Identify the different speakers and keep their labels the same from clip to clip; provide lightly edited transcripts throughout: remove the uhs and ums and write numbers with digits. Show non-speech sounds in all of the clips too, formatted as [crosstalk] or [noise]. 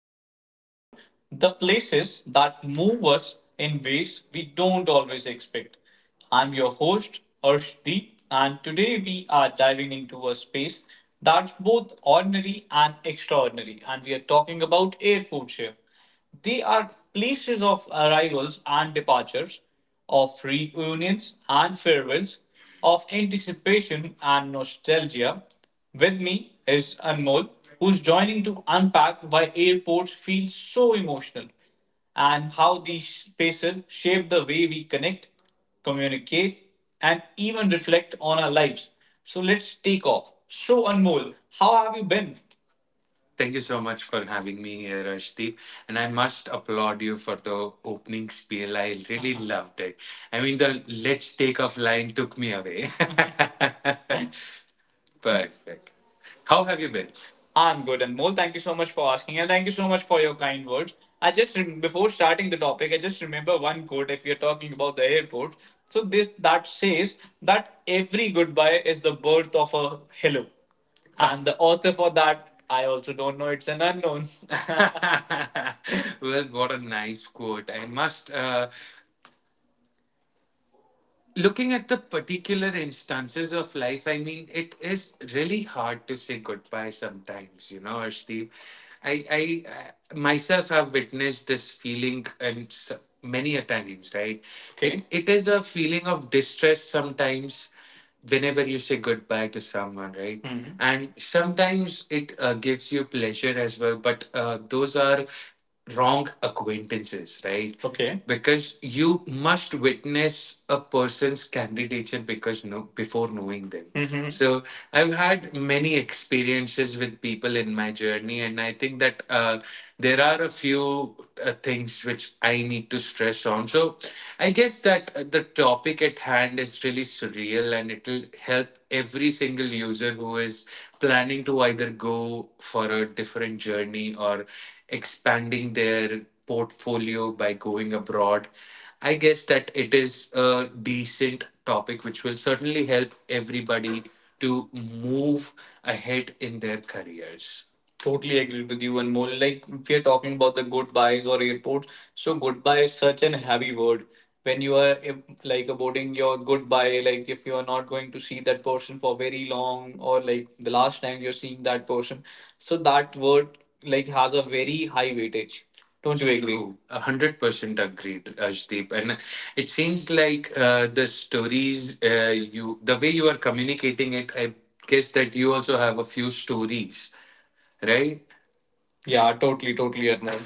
Speaker 1: we explore the places that move us in ways we don't always expect. I'm your host, Arshdeep, and today we are diving into a space that's both ordinary and extraordinary, and we are talking about airports here. They are places of arrivals and departures, of reunions and farewells, of anticipation and nostalgia. With me is Anmol, who's joining to unpack why airports feel so emotional and how these spaces shape the way we connect, communicate, and even reflect on our lives. So let's take off. So, Anmol, how have you been? Thank you so much for having me here, Ashdeep. And I must applaud you for the opening spiel. I really [laughs] loved it. I mean, the let's take off line took me away. [laughs] Perfect. How have you been? I'm good, and Anmol, thank you so much for asking, and thank you so much for your kind words. I just before starting the topic, I just remember one quote. If you're talking about the airport, so this that says that every goodbye is the birth of a hello, and the author for that I also don't know. It's an unknown. [laughs] Well, what a nice quote. I must. Looking at the particular instances of life, I mean, it is really hard to say goodbye sometimes, you know, Ashdeep. I myself have witnessed this feeling and many a times, right? Okay. It is a feeling of distress sometimes whenever you say goodbye to someone, right? Mhm. And sometimes it gives you pleasure as well, but those are wrong acquaintances, right? Okay. Because you must witness a person's candidature because no before knowing them. Mhm. So I've had many experiences with people in my journey, and I think that there are a few things which I need to stress on. So I guess that the topic at hand is really surreal, and it will help every single user who is planning to either go for a different journey or expanding their portfolio by going abroad. I guess that it is a decent topic which will certainly help everybody to move ahead in their careers. Totally agreed with you, and more, like if you're talking about the goodbyes or airports, so goodbye is such an heavy word. When you are if, like aborting your goodbye, like if you are not going to see that person for very long, or like the last time you're seeing that person, so that word like has a very high weightage. Don't you agree? True, 100% agreed, Ashdeep. And it seems like the stories you, the way you are communicating it, I guess that you also have a few stories, right? Yeah, totally, totally, Arnab.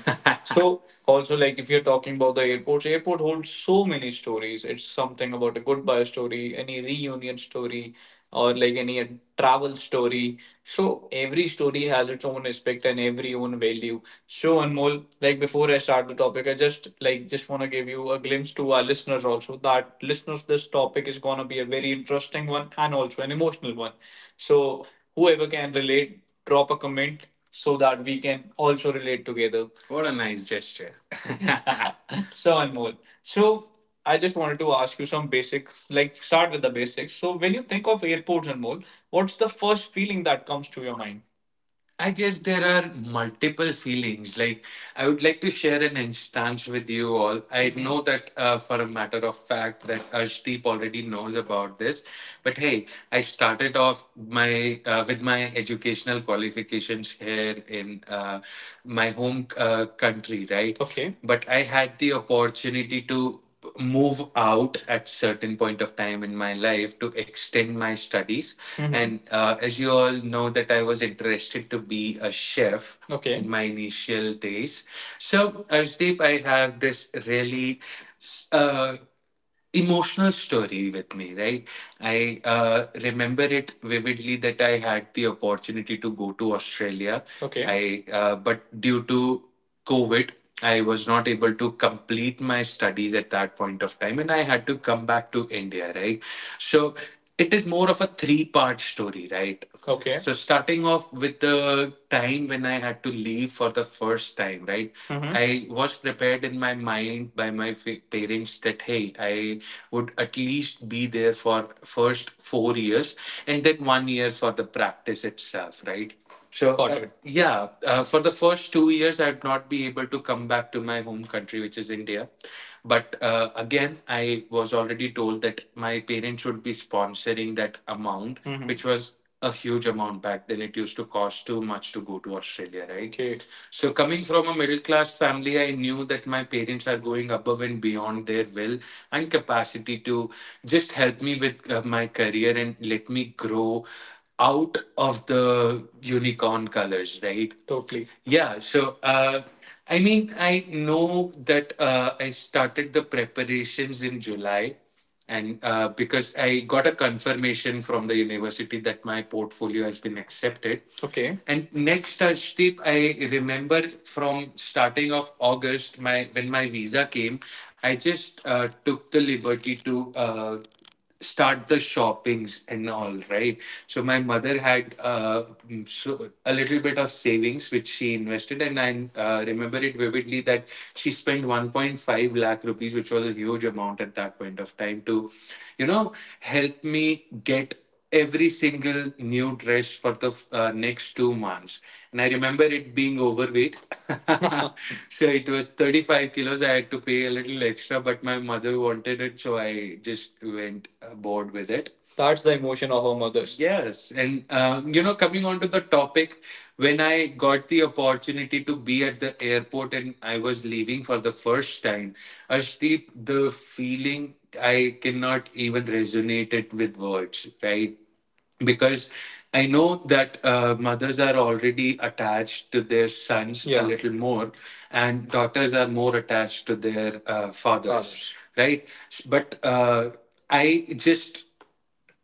Speaker 1: [laughs] So, also, like, if you're talking about the airport holds so many stories. It's something about a goodbye story, any reunion story, or like any travel story. So, every story has its own aspect and every own value. So, Anmol, like, before I start the topic, I just like just want to give you a glimpse to our listeners also that listeners, this topic is gonna be a very interesting one and also an emotional one. So, whoever can relate, drop a comment so that we can also relate together. What a nice gesture. [laughs] [laughs] So, Anmol, so I just wanted to ask you some basic, like start with the basics. So when you think of airports, Anmol, what's the first feeling that comes to your mind? I guess there are multiple feelings. Like, I would like to share an instance with you all. I Mhm. know that for a matter of fact that Ashdeep already knows about this. But hey, I started off my with my educational qualifications here in my home country, right? Okay. But I had the opportunity to move out at certain point of time in my life to extend my studies. Mhm. And as you all know that I was interested to be a chef. Okay. In my initial days. So, Arshdeep, I have this really uh, emotional story with me, right? I remember it vividly that I had the opportunity to go to Australia. Okay. I but due to COVID, I was not able to complete my studies at that point of time, and I had to come back to India, right? So it is more of a three-part story, right? Okay. So, starting off with the time when I had to leave for the first time, right? Mm-hmm. I was prepared in my mind by my parents that, hey, I would at least be there for first 4 years and then one year for the practice itself, right? So, Got it. Yeah, for the first 2 years, I'd not be able to come back to my home country, which is India. But again, I was already told that my parents would be sponsoring that amount, which was a huge amount back then. It used to cost too much to go to Australia, right? Okay. So, coming from a middle class family, I knew that my parents are going above and beyond their will and capacity to just help me with my career and let me grow out of the unicorn colors, right? Totally. Yeah. So, I mean, I know that I started the preparations in July, and because I got a confirmation from the university that my portfolio has been accepted. Okay. And next, Ashdeep, I remember from starting of August, my when my visa came, I just took the liberty to start the shoppings and all, right? So my mother had so a little bit of savings which she invested, and I remember it vividly that she spent 1.5 lakh rupees, which was a huge amount at that point of time, to, you know, help me get every single new dress for the next 2 months. And I remember it being overweight. [laughs] So it was 35 kilos. I had to pay a little extra, but my mother wanted it. So I just went bored with it. That's the emotion of our mothers. Yes, and you know, coming on to the topic, when I got the opportunity to be at the airport and I was leaving for the first time, Ashdeep, the feeling I cannot even resonate it with words, right? Because I know that mothers are already attached to their sons. Yeah. A Yeah. little more, and daughters are more attached to their fathers, Fathers. Right? But I just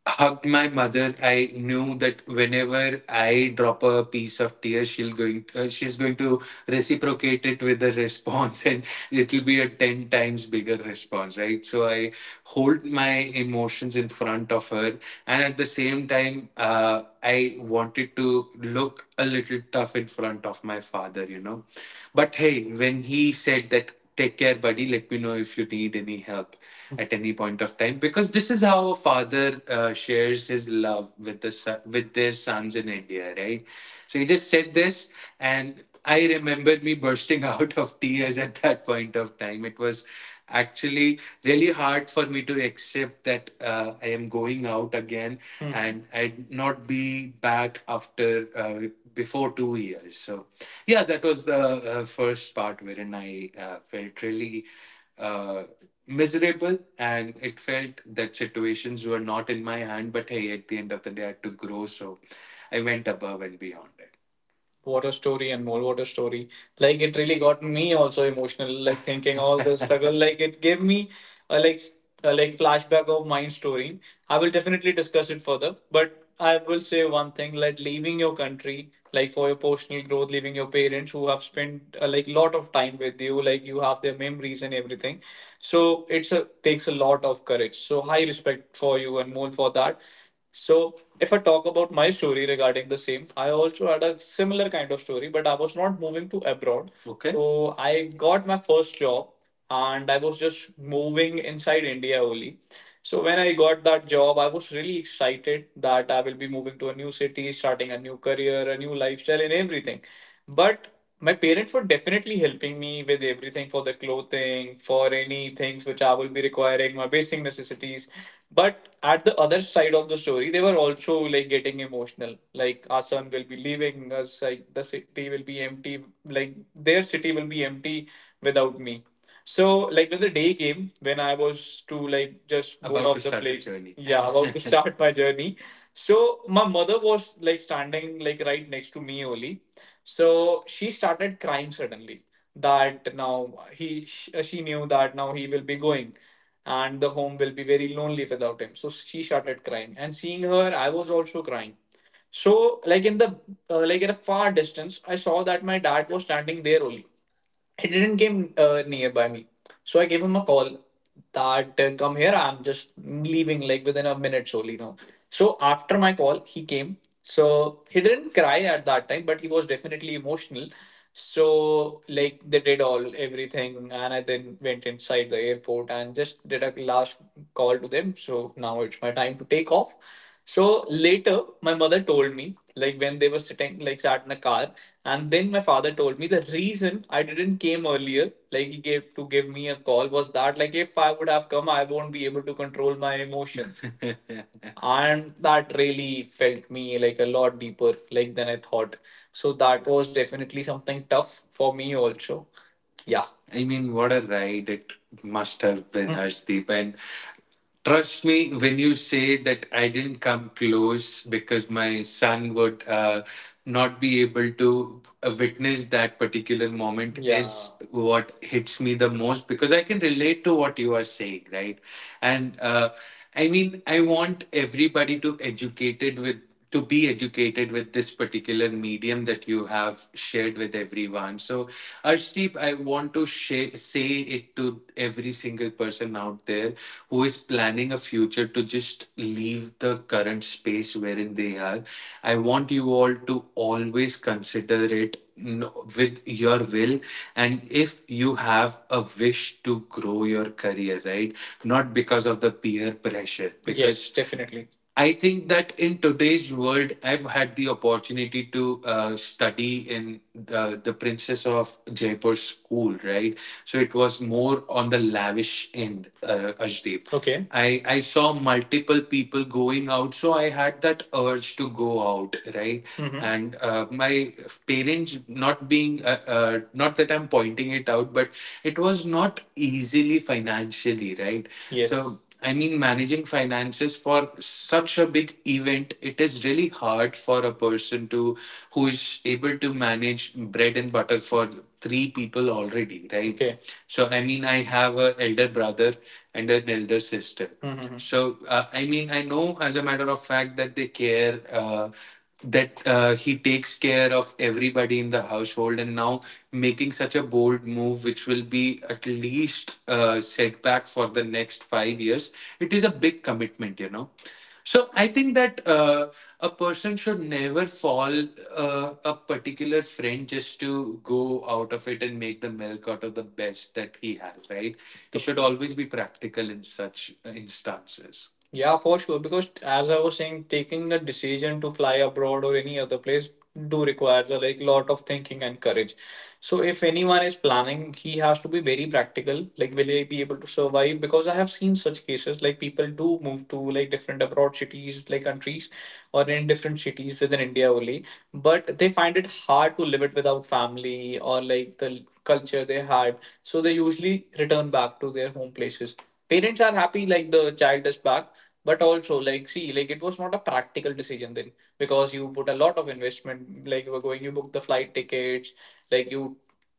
Speaker 1: hugged my mother. I knew that whenever I drop a piece of tears, she's going to reciprocate it with a response, [laughs] and it'll be a 10 times bigger response, right? So I hold my emotions in front of her, and at the same time, I wanted to look a little tough in front of my father, you know. But hey, when he said that take care, buddy. Let me know if you need any help at any point of time. Because this is how a father shares his love with their sons in India, right? So he just said this, and I remember me bursting [laughs] out of tears at that point of time. It was actually really hard for me to accept that I am going out again. Hmm. And I'd not be back after. Before 2 years. So, yeah, that was the first part wherein I felt really uh, miserable, and it felt that situations were not in my hand. But hey, at the end of the day, I had to grow, so I went above and beyond it. What a story, and more, what a story. Like it really got me also emotional, like thinking all the [laughs] struggle, like it gave me uh, like like flashback of my story. I will definitely discuss it further, but I will say one thing: like leaving your country, like for your personal growth, leaving your parents who have spent like lot of time with you, like you have their memories and everything. So it's a takes a lot of courage. So high respect for you, and more, for that. So, if I talk about my story regarding the same, I also had a similar kind of story, but I was not moving to abroad. Okay. So I got my first job, and I was just moving inside India only. So when I got that job, I was really excited that I will be moving to a new city, starting a new career, a new lifestyle, and everything. But my parents were definitely helping me with everything, for the clothing, for any things which I will be requiring, my basic necessities. But at the other side of the story, they were also like getting emotional. Like, our son will be leaving us, like the city will be empty, like their city will be empty without me. So like when the day came, when I was to like just go About off to the start the plane, about to [laughs] start my journey. So my mother was like standing like right next to me only. So she started crying suddenly that now she knew that now he will be going and the home will be very lonely without him. So she started crying, and seeing her, I was also crying. So, like in the like at a far distance, I saw that my dad was standing there only. He didn't came nearby me, so I gave him a call that come here. I'm just leaving like within a minute only now. So after my call, he came. So he didn't cry at that time, but he was definitely emotional. So like they did all everything, and I then went inside the airport and just did a last call to them. So now it's my time to take off. So later, my mother told me, like when they were sitting, like sat in a car, and then my father told me the reason I didn't came earlier, like he gave to give me a call, was that like if I would have come, I won't be able to control my emotions, [laughs] and that really felt me like a lot deeper, like than I thought. So that was definitely something tough for me also. Yeah. I mean, what a ride it must have been, [laughs] Harshdeep. And trust me when you say that I didn't come close because my son would not be able to witness that particular moment. Yeah. Is what hits me the most, because I can relate to what you are saying, right? And I mean, I want everybody to be educated with this particular medium that you have shared with everyone. So, Arshdeep, I want to say it to every single person out there who is planning a future to just leave the current space wherein they are. I want you all to always consider it with your will. And if you have a wish to grow your career, right? Not because of the peer pressure. Because yes, definitely. I think that in today's world, I've had the opportunity to study in the Princess of Jaipur school, right? So it was more on the lavish end, Ashdeep. Okay. I saw multiple people going out, so I had that urge to go out, right? Hmm. And my parents, not being, not that I'm pointing it out, but it was not easily financially, right? Yes. So yes, I mean, managing finances for such a big event, it is really hard for a person to who is able to manage bread and butter for three people already, right? Okay. So, I mean, I have an elder brother and an elder sister. Mhm. So, I mean, I know as a matter of fact that they care. That he takes care of everybody in the household, and now making such a bold move, which will be at least set back for the next 5 years. It is a big commitment, so I think that a person should never fall a particular friend just to go out of it and make the milk out of the best that he has, right? He should always be practical in such instances. Yeah, for sure. Because as I was saying, taking a decision to fly abroad or any other place do requires a like lot of thinking and courage. So if anyone is planning, he has to be very practical. Like, will he be able to survive? Because I have seen such cases, like people do move to like different abroad cities, like countries, or in different cities within India only, but they find it hard to live it without family or like the culture they had. So they usually return back to their home places. Parents are happy, like the child is back, but also like see, like it was not a practical decision then, because you put a lot of investment, like you were going, you booked the flight tickets, like you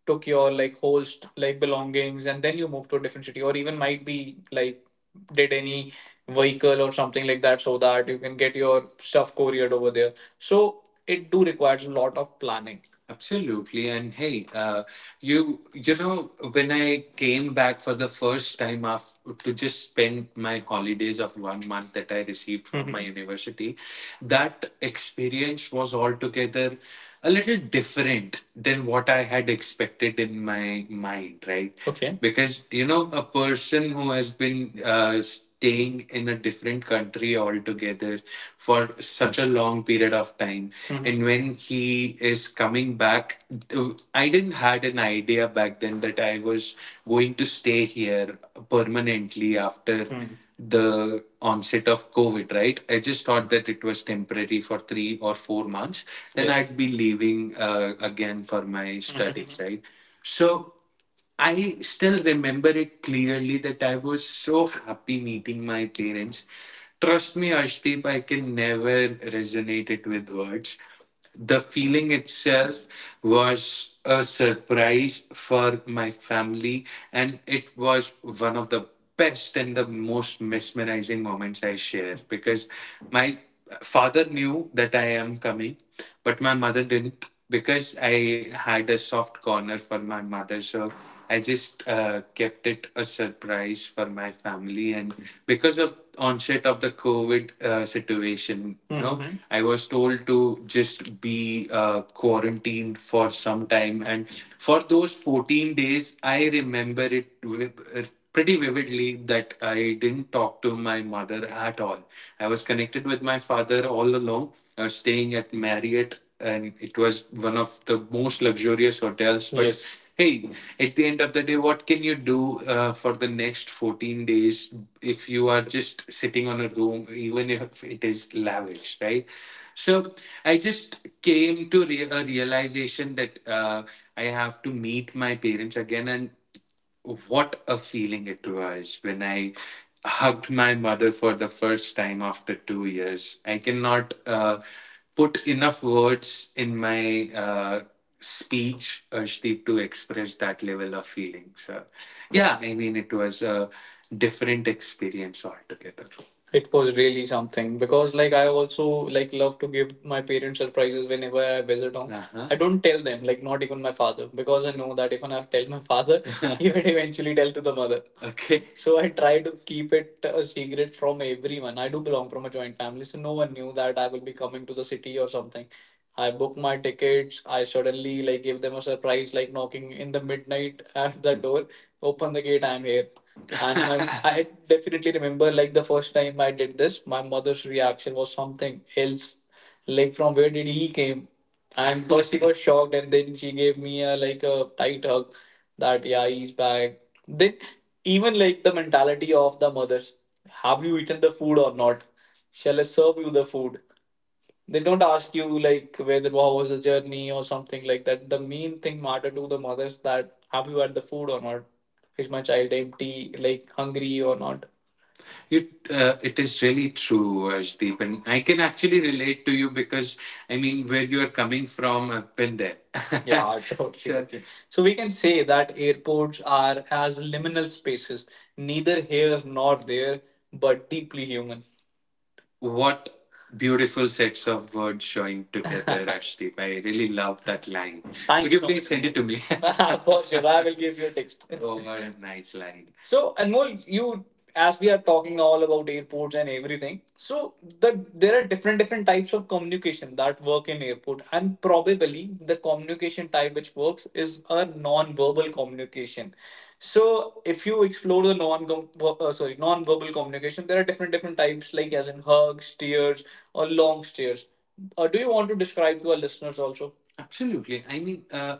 Speaker 1: took your like whole like belongings, and then you moved to a different city, or even might be like did any vehicle or something like that so that you can get your stuff couriered over there. So it do requires a lot of planning. Absolutely. And hey, you know, when I came back for the first time after, to just spend my holidays of one month that I received from Mhm. my Mhm. university, that experience was altogether a little different than what I had expected in my mind, right? Okay. Because, a person who has been staying in a different country altogether for such a long period of time Mhm. and when he is coming back, I didn't had an idea back then that I was going to stay here permanently after Mhm. the onset of COVID, right? I just thought that it was temporary for 3 or 4 months, then Yes. I'd be leaving again for my studies. Mm-hmm. Right. So I still remember it clearly that I was so happy meeting my parents. Trust me, Ashdeep, I can never resonate it with words. The feeling itself was a surprise for my family, and it was one of the best and the most mesmerizing moments I share, because my father knew that I am coming, but my mother didn't, because I had a soft corner for my mother. So I just kept it a surprise for my family, and because of onset of the COVID situation, Mhm. I was told to just be quarantined for some time, and for those 14 days, I remember it pretty vividly that I didn't talk to my mother at all. I was connected with my father all along. I was staying at Marriott and it was one of the most luxurious hotels, but Yes. Hey, at the end of the day, what can you do for the next 14 days if you are just sitting on a room, even if it is lavish, right? So I just came to a realization that I have to meet my parents again. And what a feeling it was when I hugged my mother for the first time after 2 years. I cannot put enough words in my speech, Arshdeep, to express that level of feeling. So, yeah, I mean, it was a different experience altogether. It was really something because, like, I also like love to give my parents surprises whenever I visit home. Uh-huh. I don't tell them, like, not even my father, because I know that if I tell my father, [laughs] he would eventually tell to the mother. Okay. So I try to keep it a secret from everyone. I do belong from a joint family, so no one knew that I will be coming to the city or something. I book my tickets. I suddenly like give them a surprise, like knocking in the midnight at the door. Open the gate. I'm here, and I, [laughs] I definitely remember like the first time I did this, my mother's reaction was something else. Like, from where did he came? And first she was [laughs] shocked, and then she gave me a like a tight hug that yeah, he's back. Then even like the mentality of the mothers, have you eaten the food or not? Shall I serve you the food? They don't ask you like whether what was the journey or something like that. The main thing matter to the mothers that have you had the food or not? Is my child empty, like hungry or not? It is really true, Ashdeep, and I can actually relate to you because I mean, where you are coming from, I've been there. [laughs] Yeah, totally. So, okay. So we can say that airports are as liminal spaces, neither here nor there, but deeply human. What beautiful sets of words showing together, [laughs] Ashdeep. I really love that line. Thank Could you so much. Please much. Send it to me? [laughs] [laughs] For sure, I will give you a text. [laughs] Oh, what a nice line. So, Anmol, you as we are talking all about airports and everything, so there are different types of communication that work in airport, and probably the communication type which works is a non-verbal communication. So, if you explore the non-verbal communication, there are different types like as in hugs, tears, or long stares. Do you want to describe to our listeners also? Absolutely. I mean,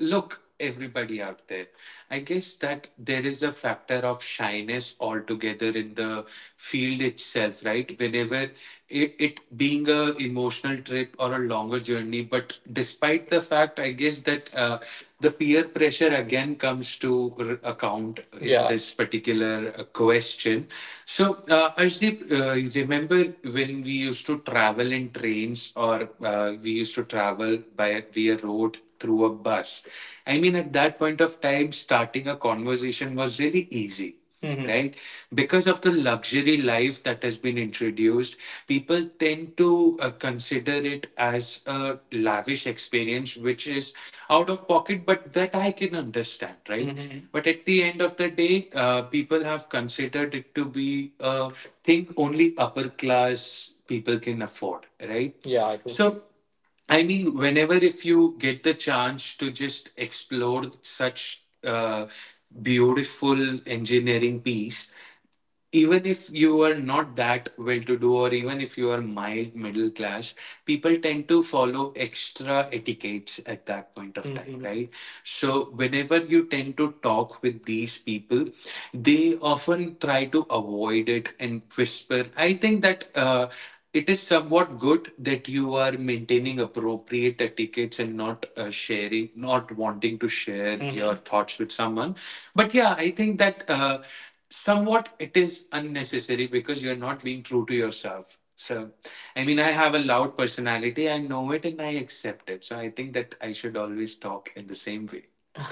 Speaker 1: look, everybody out there, I guess that there is a factor of shyness altogether in the field itself, right? Whenever it being a emotional trip or a longer journey, but despite the fact, I guess that the peer pressure again comes to account in, yeah, this particular question. So, Arshdeep, remember when we used to travel in trains or we used to travel by via road through a bus? I mean, at that point of time, starting a conversation was really easy. Mhm. Right? Because of the luxury life that has been introduced, people tend to consider it as a lavish experience, which is out of pocket, but that I can understand, right? Mhm. But at the end of the day, people have considered it to be a thing only upper class people can afford, right? Yeah, I do. So, I mean, whenever if you get the chance to just explore such beautiful engineering piece, even if you are not that well to do or even if you are mild middle class, people tend to follow extra etiquettes at that point of time. Mhm. Right, so whenever you tend to talk with these people, they often try to avoid it and whisper. I think that it is somewhat good that you are maintaining appropriate etiquettes and not sharing, not wanting to share, Mhm, your, Mhm, thoughts with someone. But yeah, I think that, somewhat it is unnecessary because you're not being true to yourself. So I mean, I have a loud personality, I know it and I accept it, so I think that I should always talk in the same way. [laughs]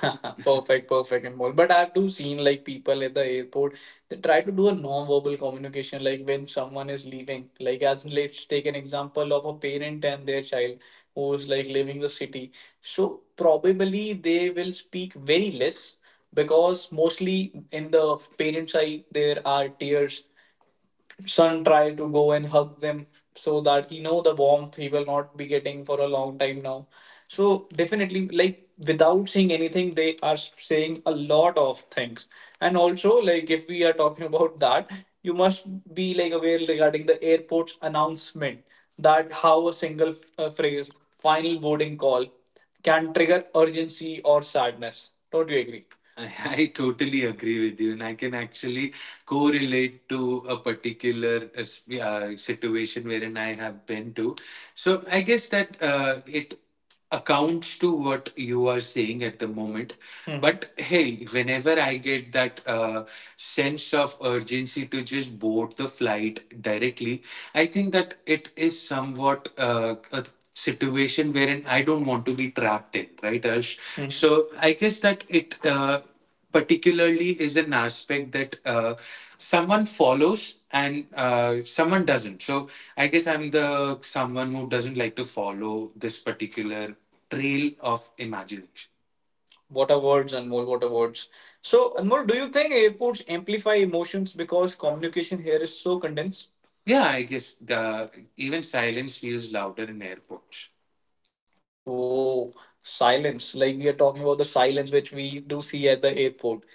Speaker 1: Perfect, perfect, and more, but I've do seen like people at the airport, they try to do a non-verbal communication, like when someone is leaving, like as let's take an example of a parent and their child who's like living the city. So probably they will speak very less, because mostly in the parents' eye there are tears, son try to go and hug them so that he know the warmth he will not be getting for a long time now. So definitely, like without saying anything they are saying a lot of things. And also, like if we are talking [laughs] about that, you must be like aware regarding the airport's announcement, that how a single phrase, final boarding call, can trigger urgency or sadness. Don't you agree? I totally agree with you, and I can actually correlate to a particular situation wherein I have been to. So I guess that it accounts to what you are saying at the moment. Hmm. But hey, whenever I get that sense of urgency to just board the flight directly, I think that it is somewhat a situation wherein I don't want to be trapped in, right, Ash? So I guess that it particularly is an aspect that someone follows and someone doesn't. So I guess I'm the someone who doesn't like to follow this particular trail of imagination. What are words, Anmol? What are words? So, Anmol, do you think airports amplify emotions because communication here is so condensed? Yeah, I guess the even silence feels louder in airports. Oh, silence. Like we are talking about the silence which we do see at the airport.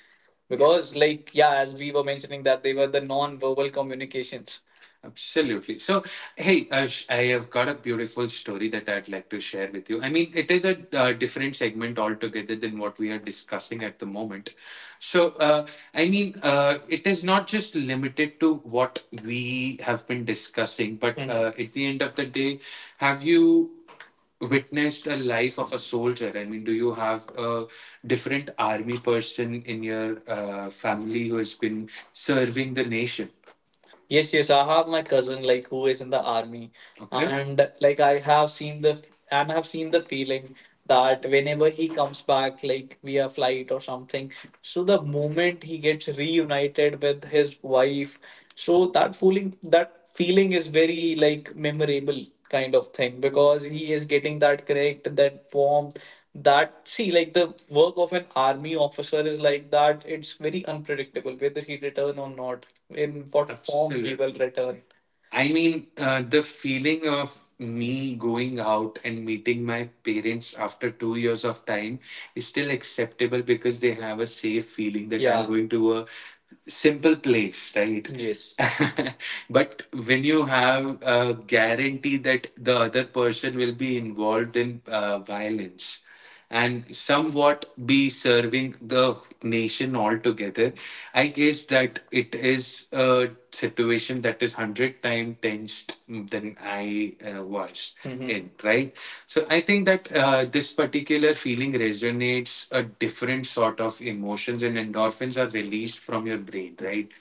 Speaker 1: Because, like, yeah, as we were mentioning that they were the non-verbal communications. Absolutely. So, hey, Ash, I have got a beautiful story that I'd like to share with you. I mean, it is a different segment altogether than what we are discussing at the moment. So, I mean, it is not just limited to what we have been discussing, but, Mhm, at the end of the day, have you witnessed a life of a soldier? I mean, do you have a different army person in your family who has been serving the nation? Yes, yes. I have my cousin like who is in the army. Okay. And like I have seen the feeling that whenever he comes back, like via flight or something, so the moment he gets reunited with his wife, so that feeling is very like memorable kind of thing, because he is getting that connect, that warmth, that see, like the work of an army officer is like that, it's very unpredictable whether he return or not, in what form he will, Absolutely, return. I mean, the feeling of me going out and meeting my parents after 2 years of time is still acceptable because they have a safe feeling that I'm, yeah, going to a simple place, right? Yes. [laughs] But when you have a guarantee that the other person will be involved in violence, and somewhat be serving the nation altogether. I guess that it is a situation that is 100 times tensed than I was in, right? So I think that this particular feeling resonates a different sort of emotions and endorphins are released from your brain, right?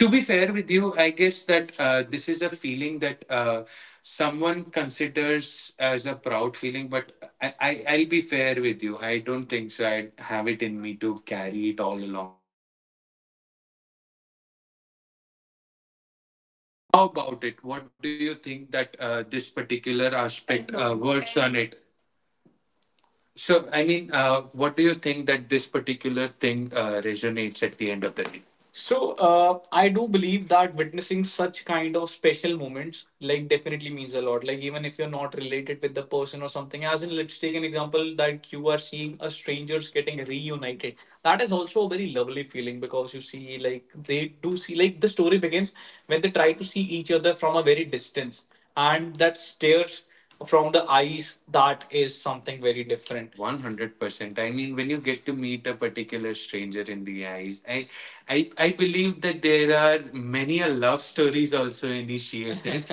Speaker 1: To be fair with you, I guess that this is a feeling that someone considers as a proud feeling, but I'll be fair with you. I don't think so. I have it in
Speaker 2: About it? What do you think that this particular aspect works on it? What do you think that this particular thing resonates at the end of the day? So, I do believe that witnessing such kind of special moments like definitely means a lot. Like even if you're not related with the person or something, as in let's take an example that you are seeing a strangers getting reunited. That is also a very lovely feeling because you see like they do see like the story begins when they try to see each other from a very distance and that stares from the eyes, that is something very different. 100% I mean when you get to meet a particular stranger in the eyes, I believe that there are many a love stories also initiated.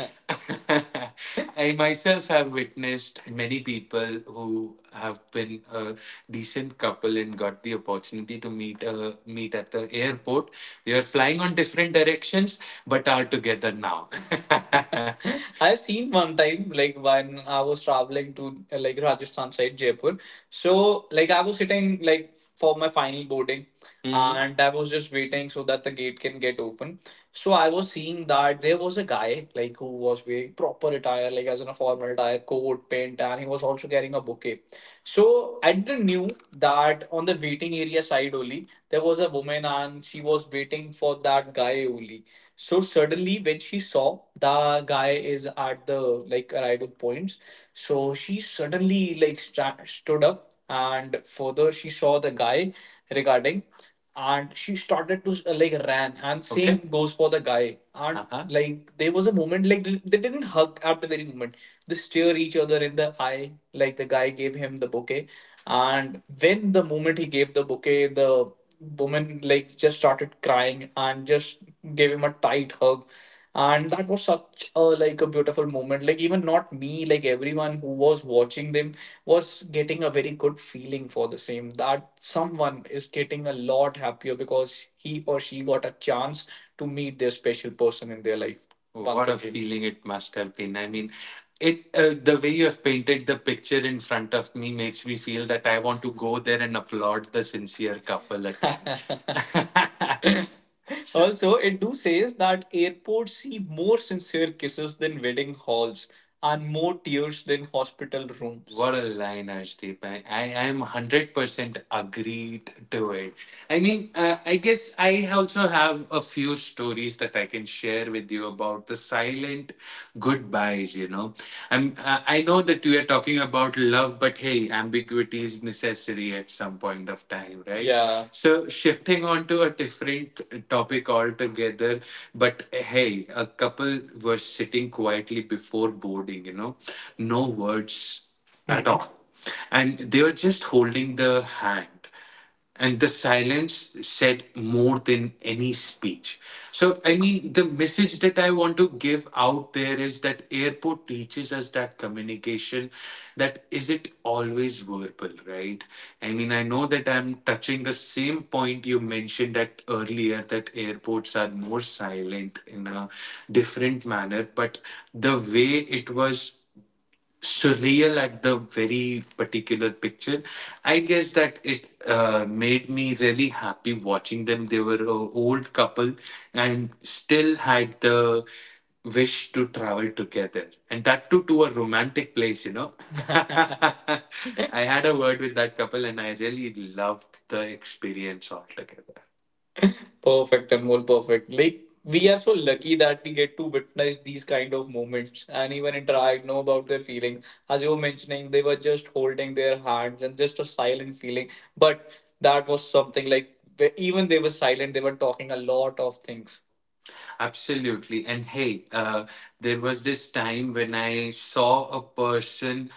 Speaker 2: [laughs] [laughs] I myself have witnessed many people who have been a decent couple and got the opportunity to meet, meet at the airport. They are flying on different directions but are together now. [laughs] I've seen one time, like when I was traveling to like Rajasthan side, Jaipur. So like I was sitting like for my final boarding, mhm, and I was just waiting so that the gate can get open. So I was seeing that there was a guy like who was wearing proper attire, like as in a formal attire, coat, pant, and he was also carrying a bouquet. So I didn't knew that on the waiting area side only there was a woman and she was waiting for that guy only. So suddenly, when she saw the guy is at the like arrival points, so she suddenly like stood up, and further she saw the guy regarding, and she started to like ran, and same, okay, goes for the guy, and uh-huh, like there was a moment like they didn't hug at the very moment. They stare each other in the eye, like the guy gave him the bouquet, and when the moment he gave the bouquet, the woman like just started crying and just gave him a tight hug. And that was such a like a beautiful moment. Like even not me, like everyone who was watching them was getting a very good feeling for the same. That someone is getting a lot happier because he or she got a chance to meet their special person in their life, what a bucks again, feeling it must have been. I mean, it the way you have painted the picture in front of me makes me feel that I want to go there and applaud the sincere couple again. [laughs] [laughs] Also, it do says that airports see more sincere kisses than wedding halls and more tears than hospital rooms. What a line, Arshdeep. I am 100% agreed to it. I guess I also have a few stories that I can share with you about the silent goodbyes, you know. I know that we are talking about love, but hey, ambiguity is necessary at some point of time, right? Yeah. So shifting on to a different topic altogether, but hey, a couple were sitting quietly before boarding, you know, no words at all. And they were just holding the hand and the silence said more than any speech. So I mean the message that I want to give out there is that airport teaches us that communication that isn't always verbal, right? I mean I know that I'm touching the same point you mentioned that earlier, that airports are more silent in a different manner, but the way it was surreal at the very particular picture. I guess that it made me really happy watching them. They were an old couple and still had the wish to travel together, and that too to a romantic place, you know. [laughs] I had a word with that couple and I really loved the experience altogether. Perfect, Anmol, perfect. Like we are so lucky that we get to witness these kind of moments and even interact, know about their feeling. As you were mentioning, they were just holding their hands and just a silent feeling. But that was something like they- even they were silent, they were talking a lot of things. Absolutely. And hey, there was this time when I saw a person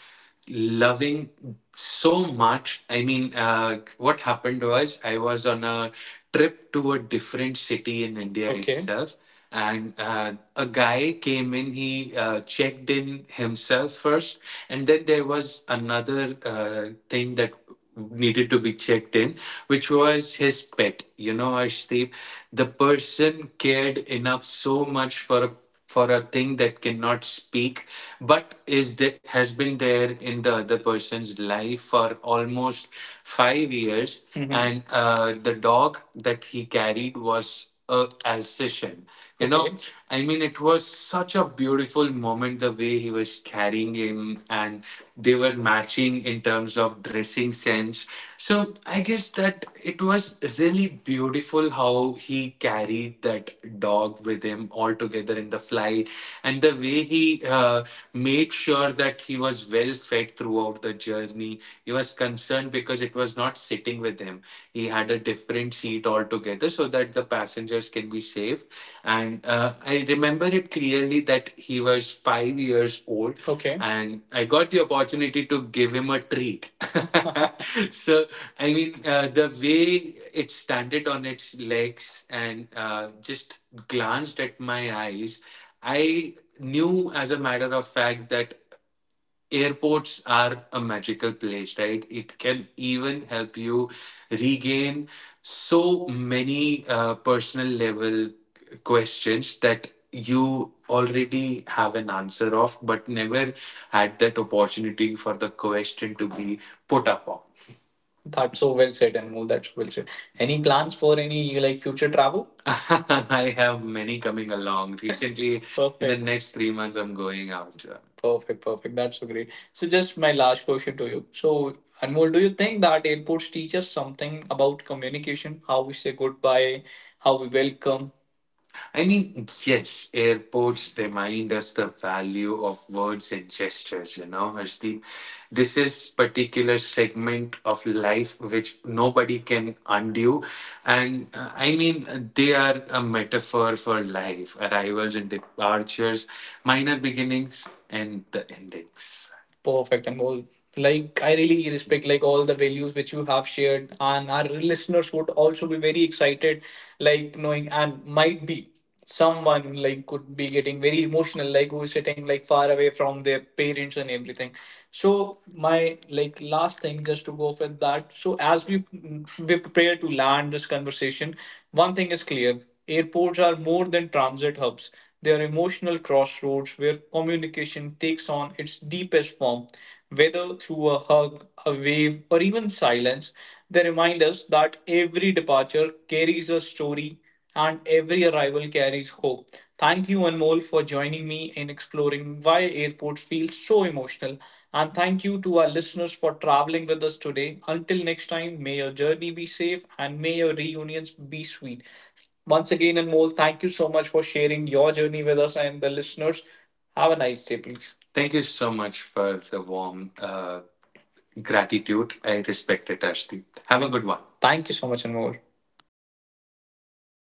Speaker 2: loving so much. I mean, what happened was I was on a trip to a different city in India, okay, itself. And a guy came in, he checked in himself first. And then there was another thing that needed to be checked in, which was his pet. You know, Harshdeep, the person cared enough so much for a thing that cannot speak, but is the, has been there in the other person's life for almost 5 years, hmm, and the dog that he carried was a Alsatian. You know, okay, I mean, it was such a beautiful moment the way he was carrying him, and they were matching in terms of dressing sense. So I guess that it was really beautiful how he carried that dog with him all together in the flight, and the way he made sure that he was well fed throughout the journey. He was concerned because it was not sitting with him. He had a different seat altogether so that the passengers can be safe. And I remember it clearly that he was 5 years old. Okay. And I got the opportunity to give him a treat. [laughs] So I mean, the way it standed on its legs and just glanced at my eyes, I knew as a matter of fact that airports are a magical place, right? It can even help you regain so many personal level questions that you already have an answer of, but never had that opportunity for the question to be put upon. That's so well said, Anmol. That's so well said. Any plans for any like future travel? [laughs] I have many coming along. Recently, in the, perfect, next 3 months, I'm going out. Perfect, perfect. That's so great. So, just my last question to you. So, Anmol, do you think that airports teach us something about communication? How we say goodbye, how we welcome, I mean, yes, airports remind us the value of words and gestures, you know, Harshdeep. This is particular segment of life which nobody can undo. And they are a metaphor for life, arrivals and departures, minor beginnings and the endings. Perfect, Anmol. Like I really respect like all the values which you have shared, and our listeners would also be very excited, like knowing and might be someone like could be getting very emotional, like who's sitting like far away from their parents and everything. So my like last thing just to go off with that. So as we prepare to land this conversation, one thing is clear. Airports are more than transit hubs. They are emotional crossroads where communication takes on its deepest form, whether through a hug, a wave, or even silence. They remind us that every departure carries a story and every arrival carries hope. Thank you, Anmol, for joining me in exploring why airports feel so emotional. And thank you to our listeners for traveling with us today. Until next time, may your journey be safe and may your reunions be sweet. Once again, Anmol, thank you so much for sharing your journey with us and the listeners. Have a nice day, please. Thank you so much for the warm gratitude. I respect it, Ashti. Have a good one. Thank you so much, Anmol.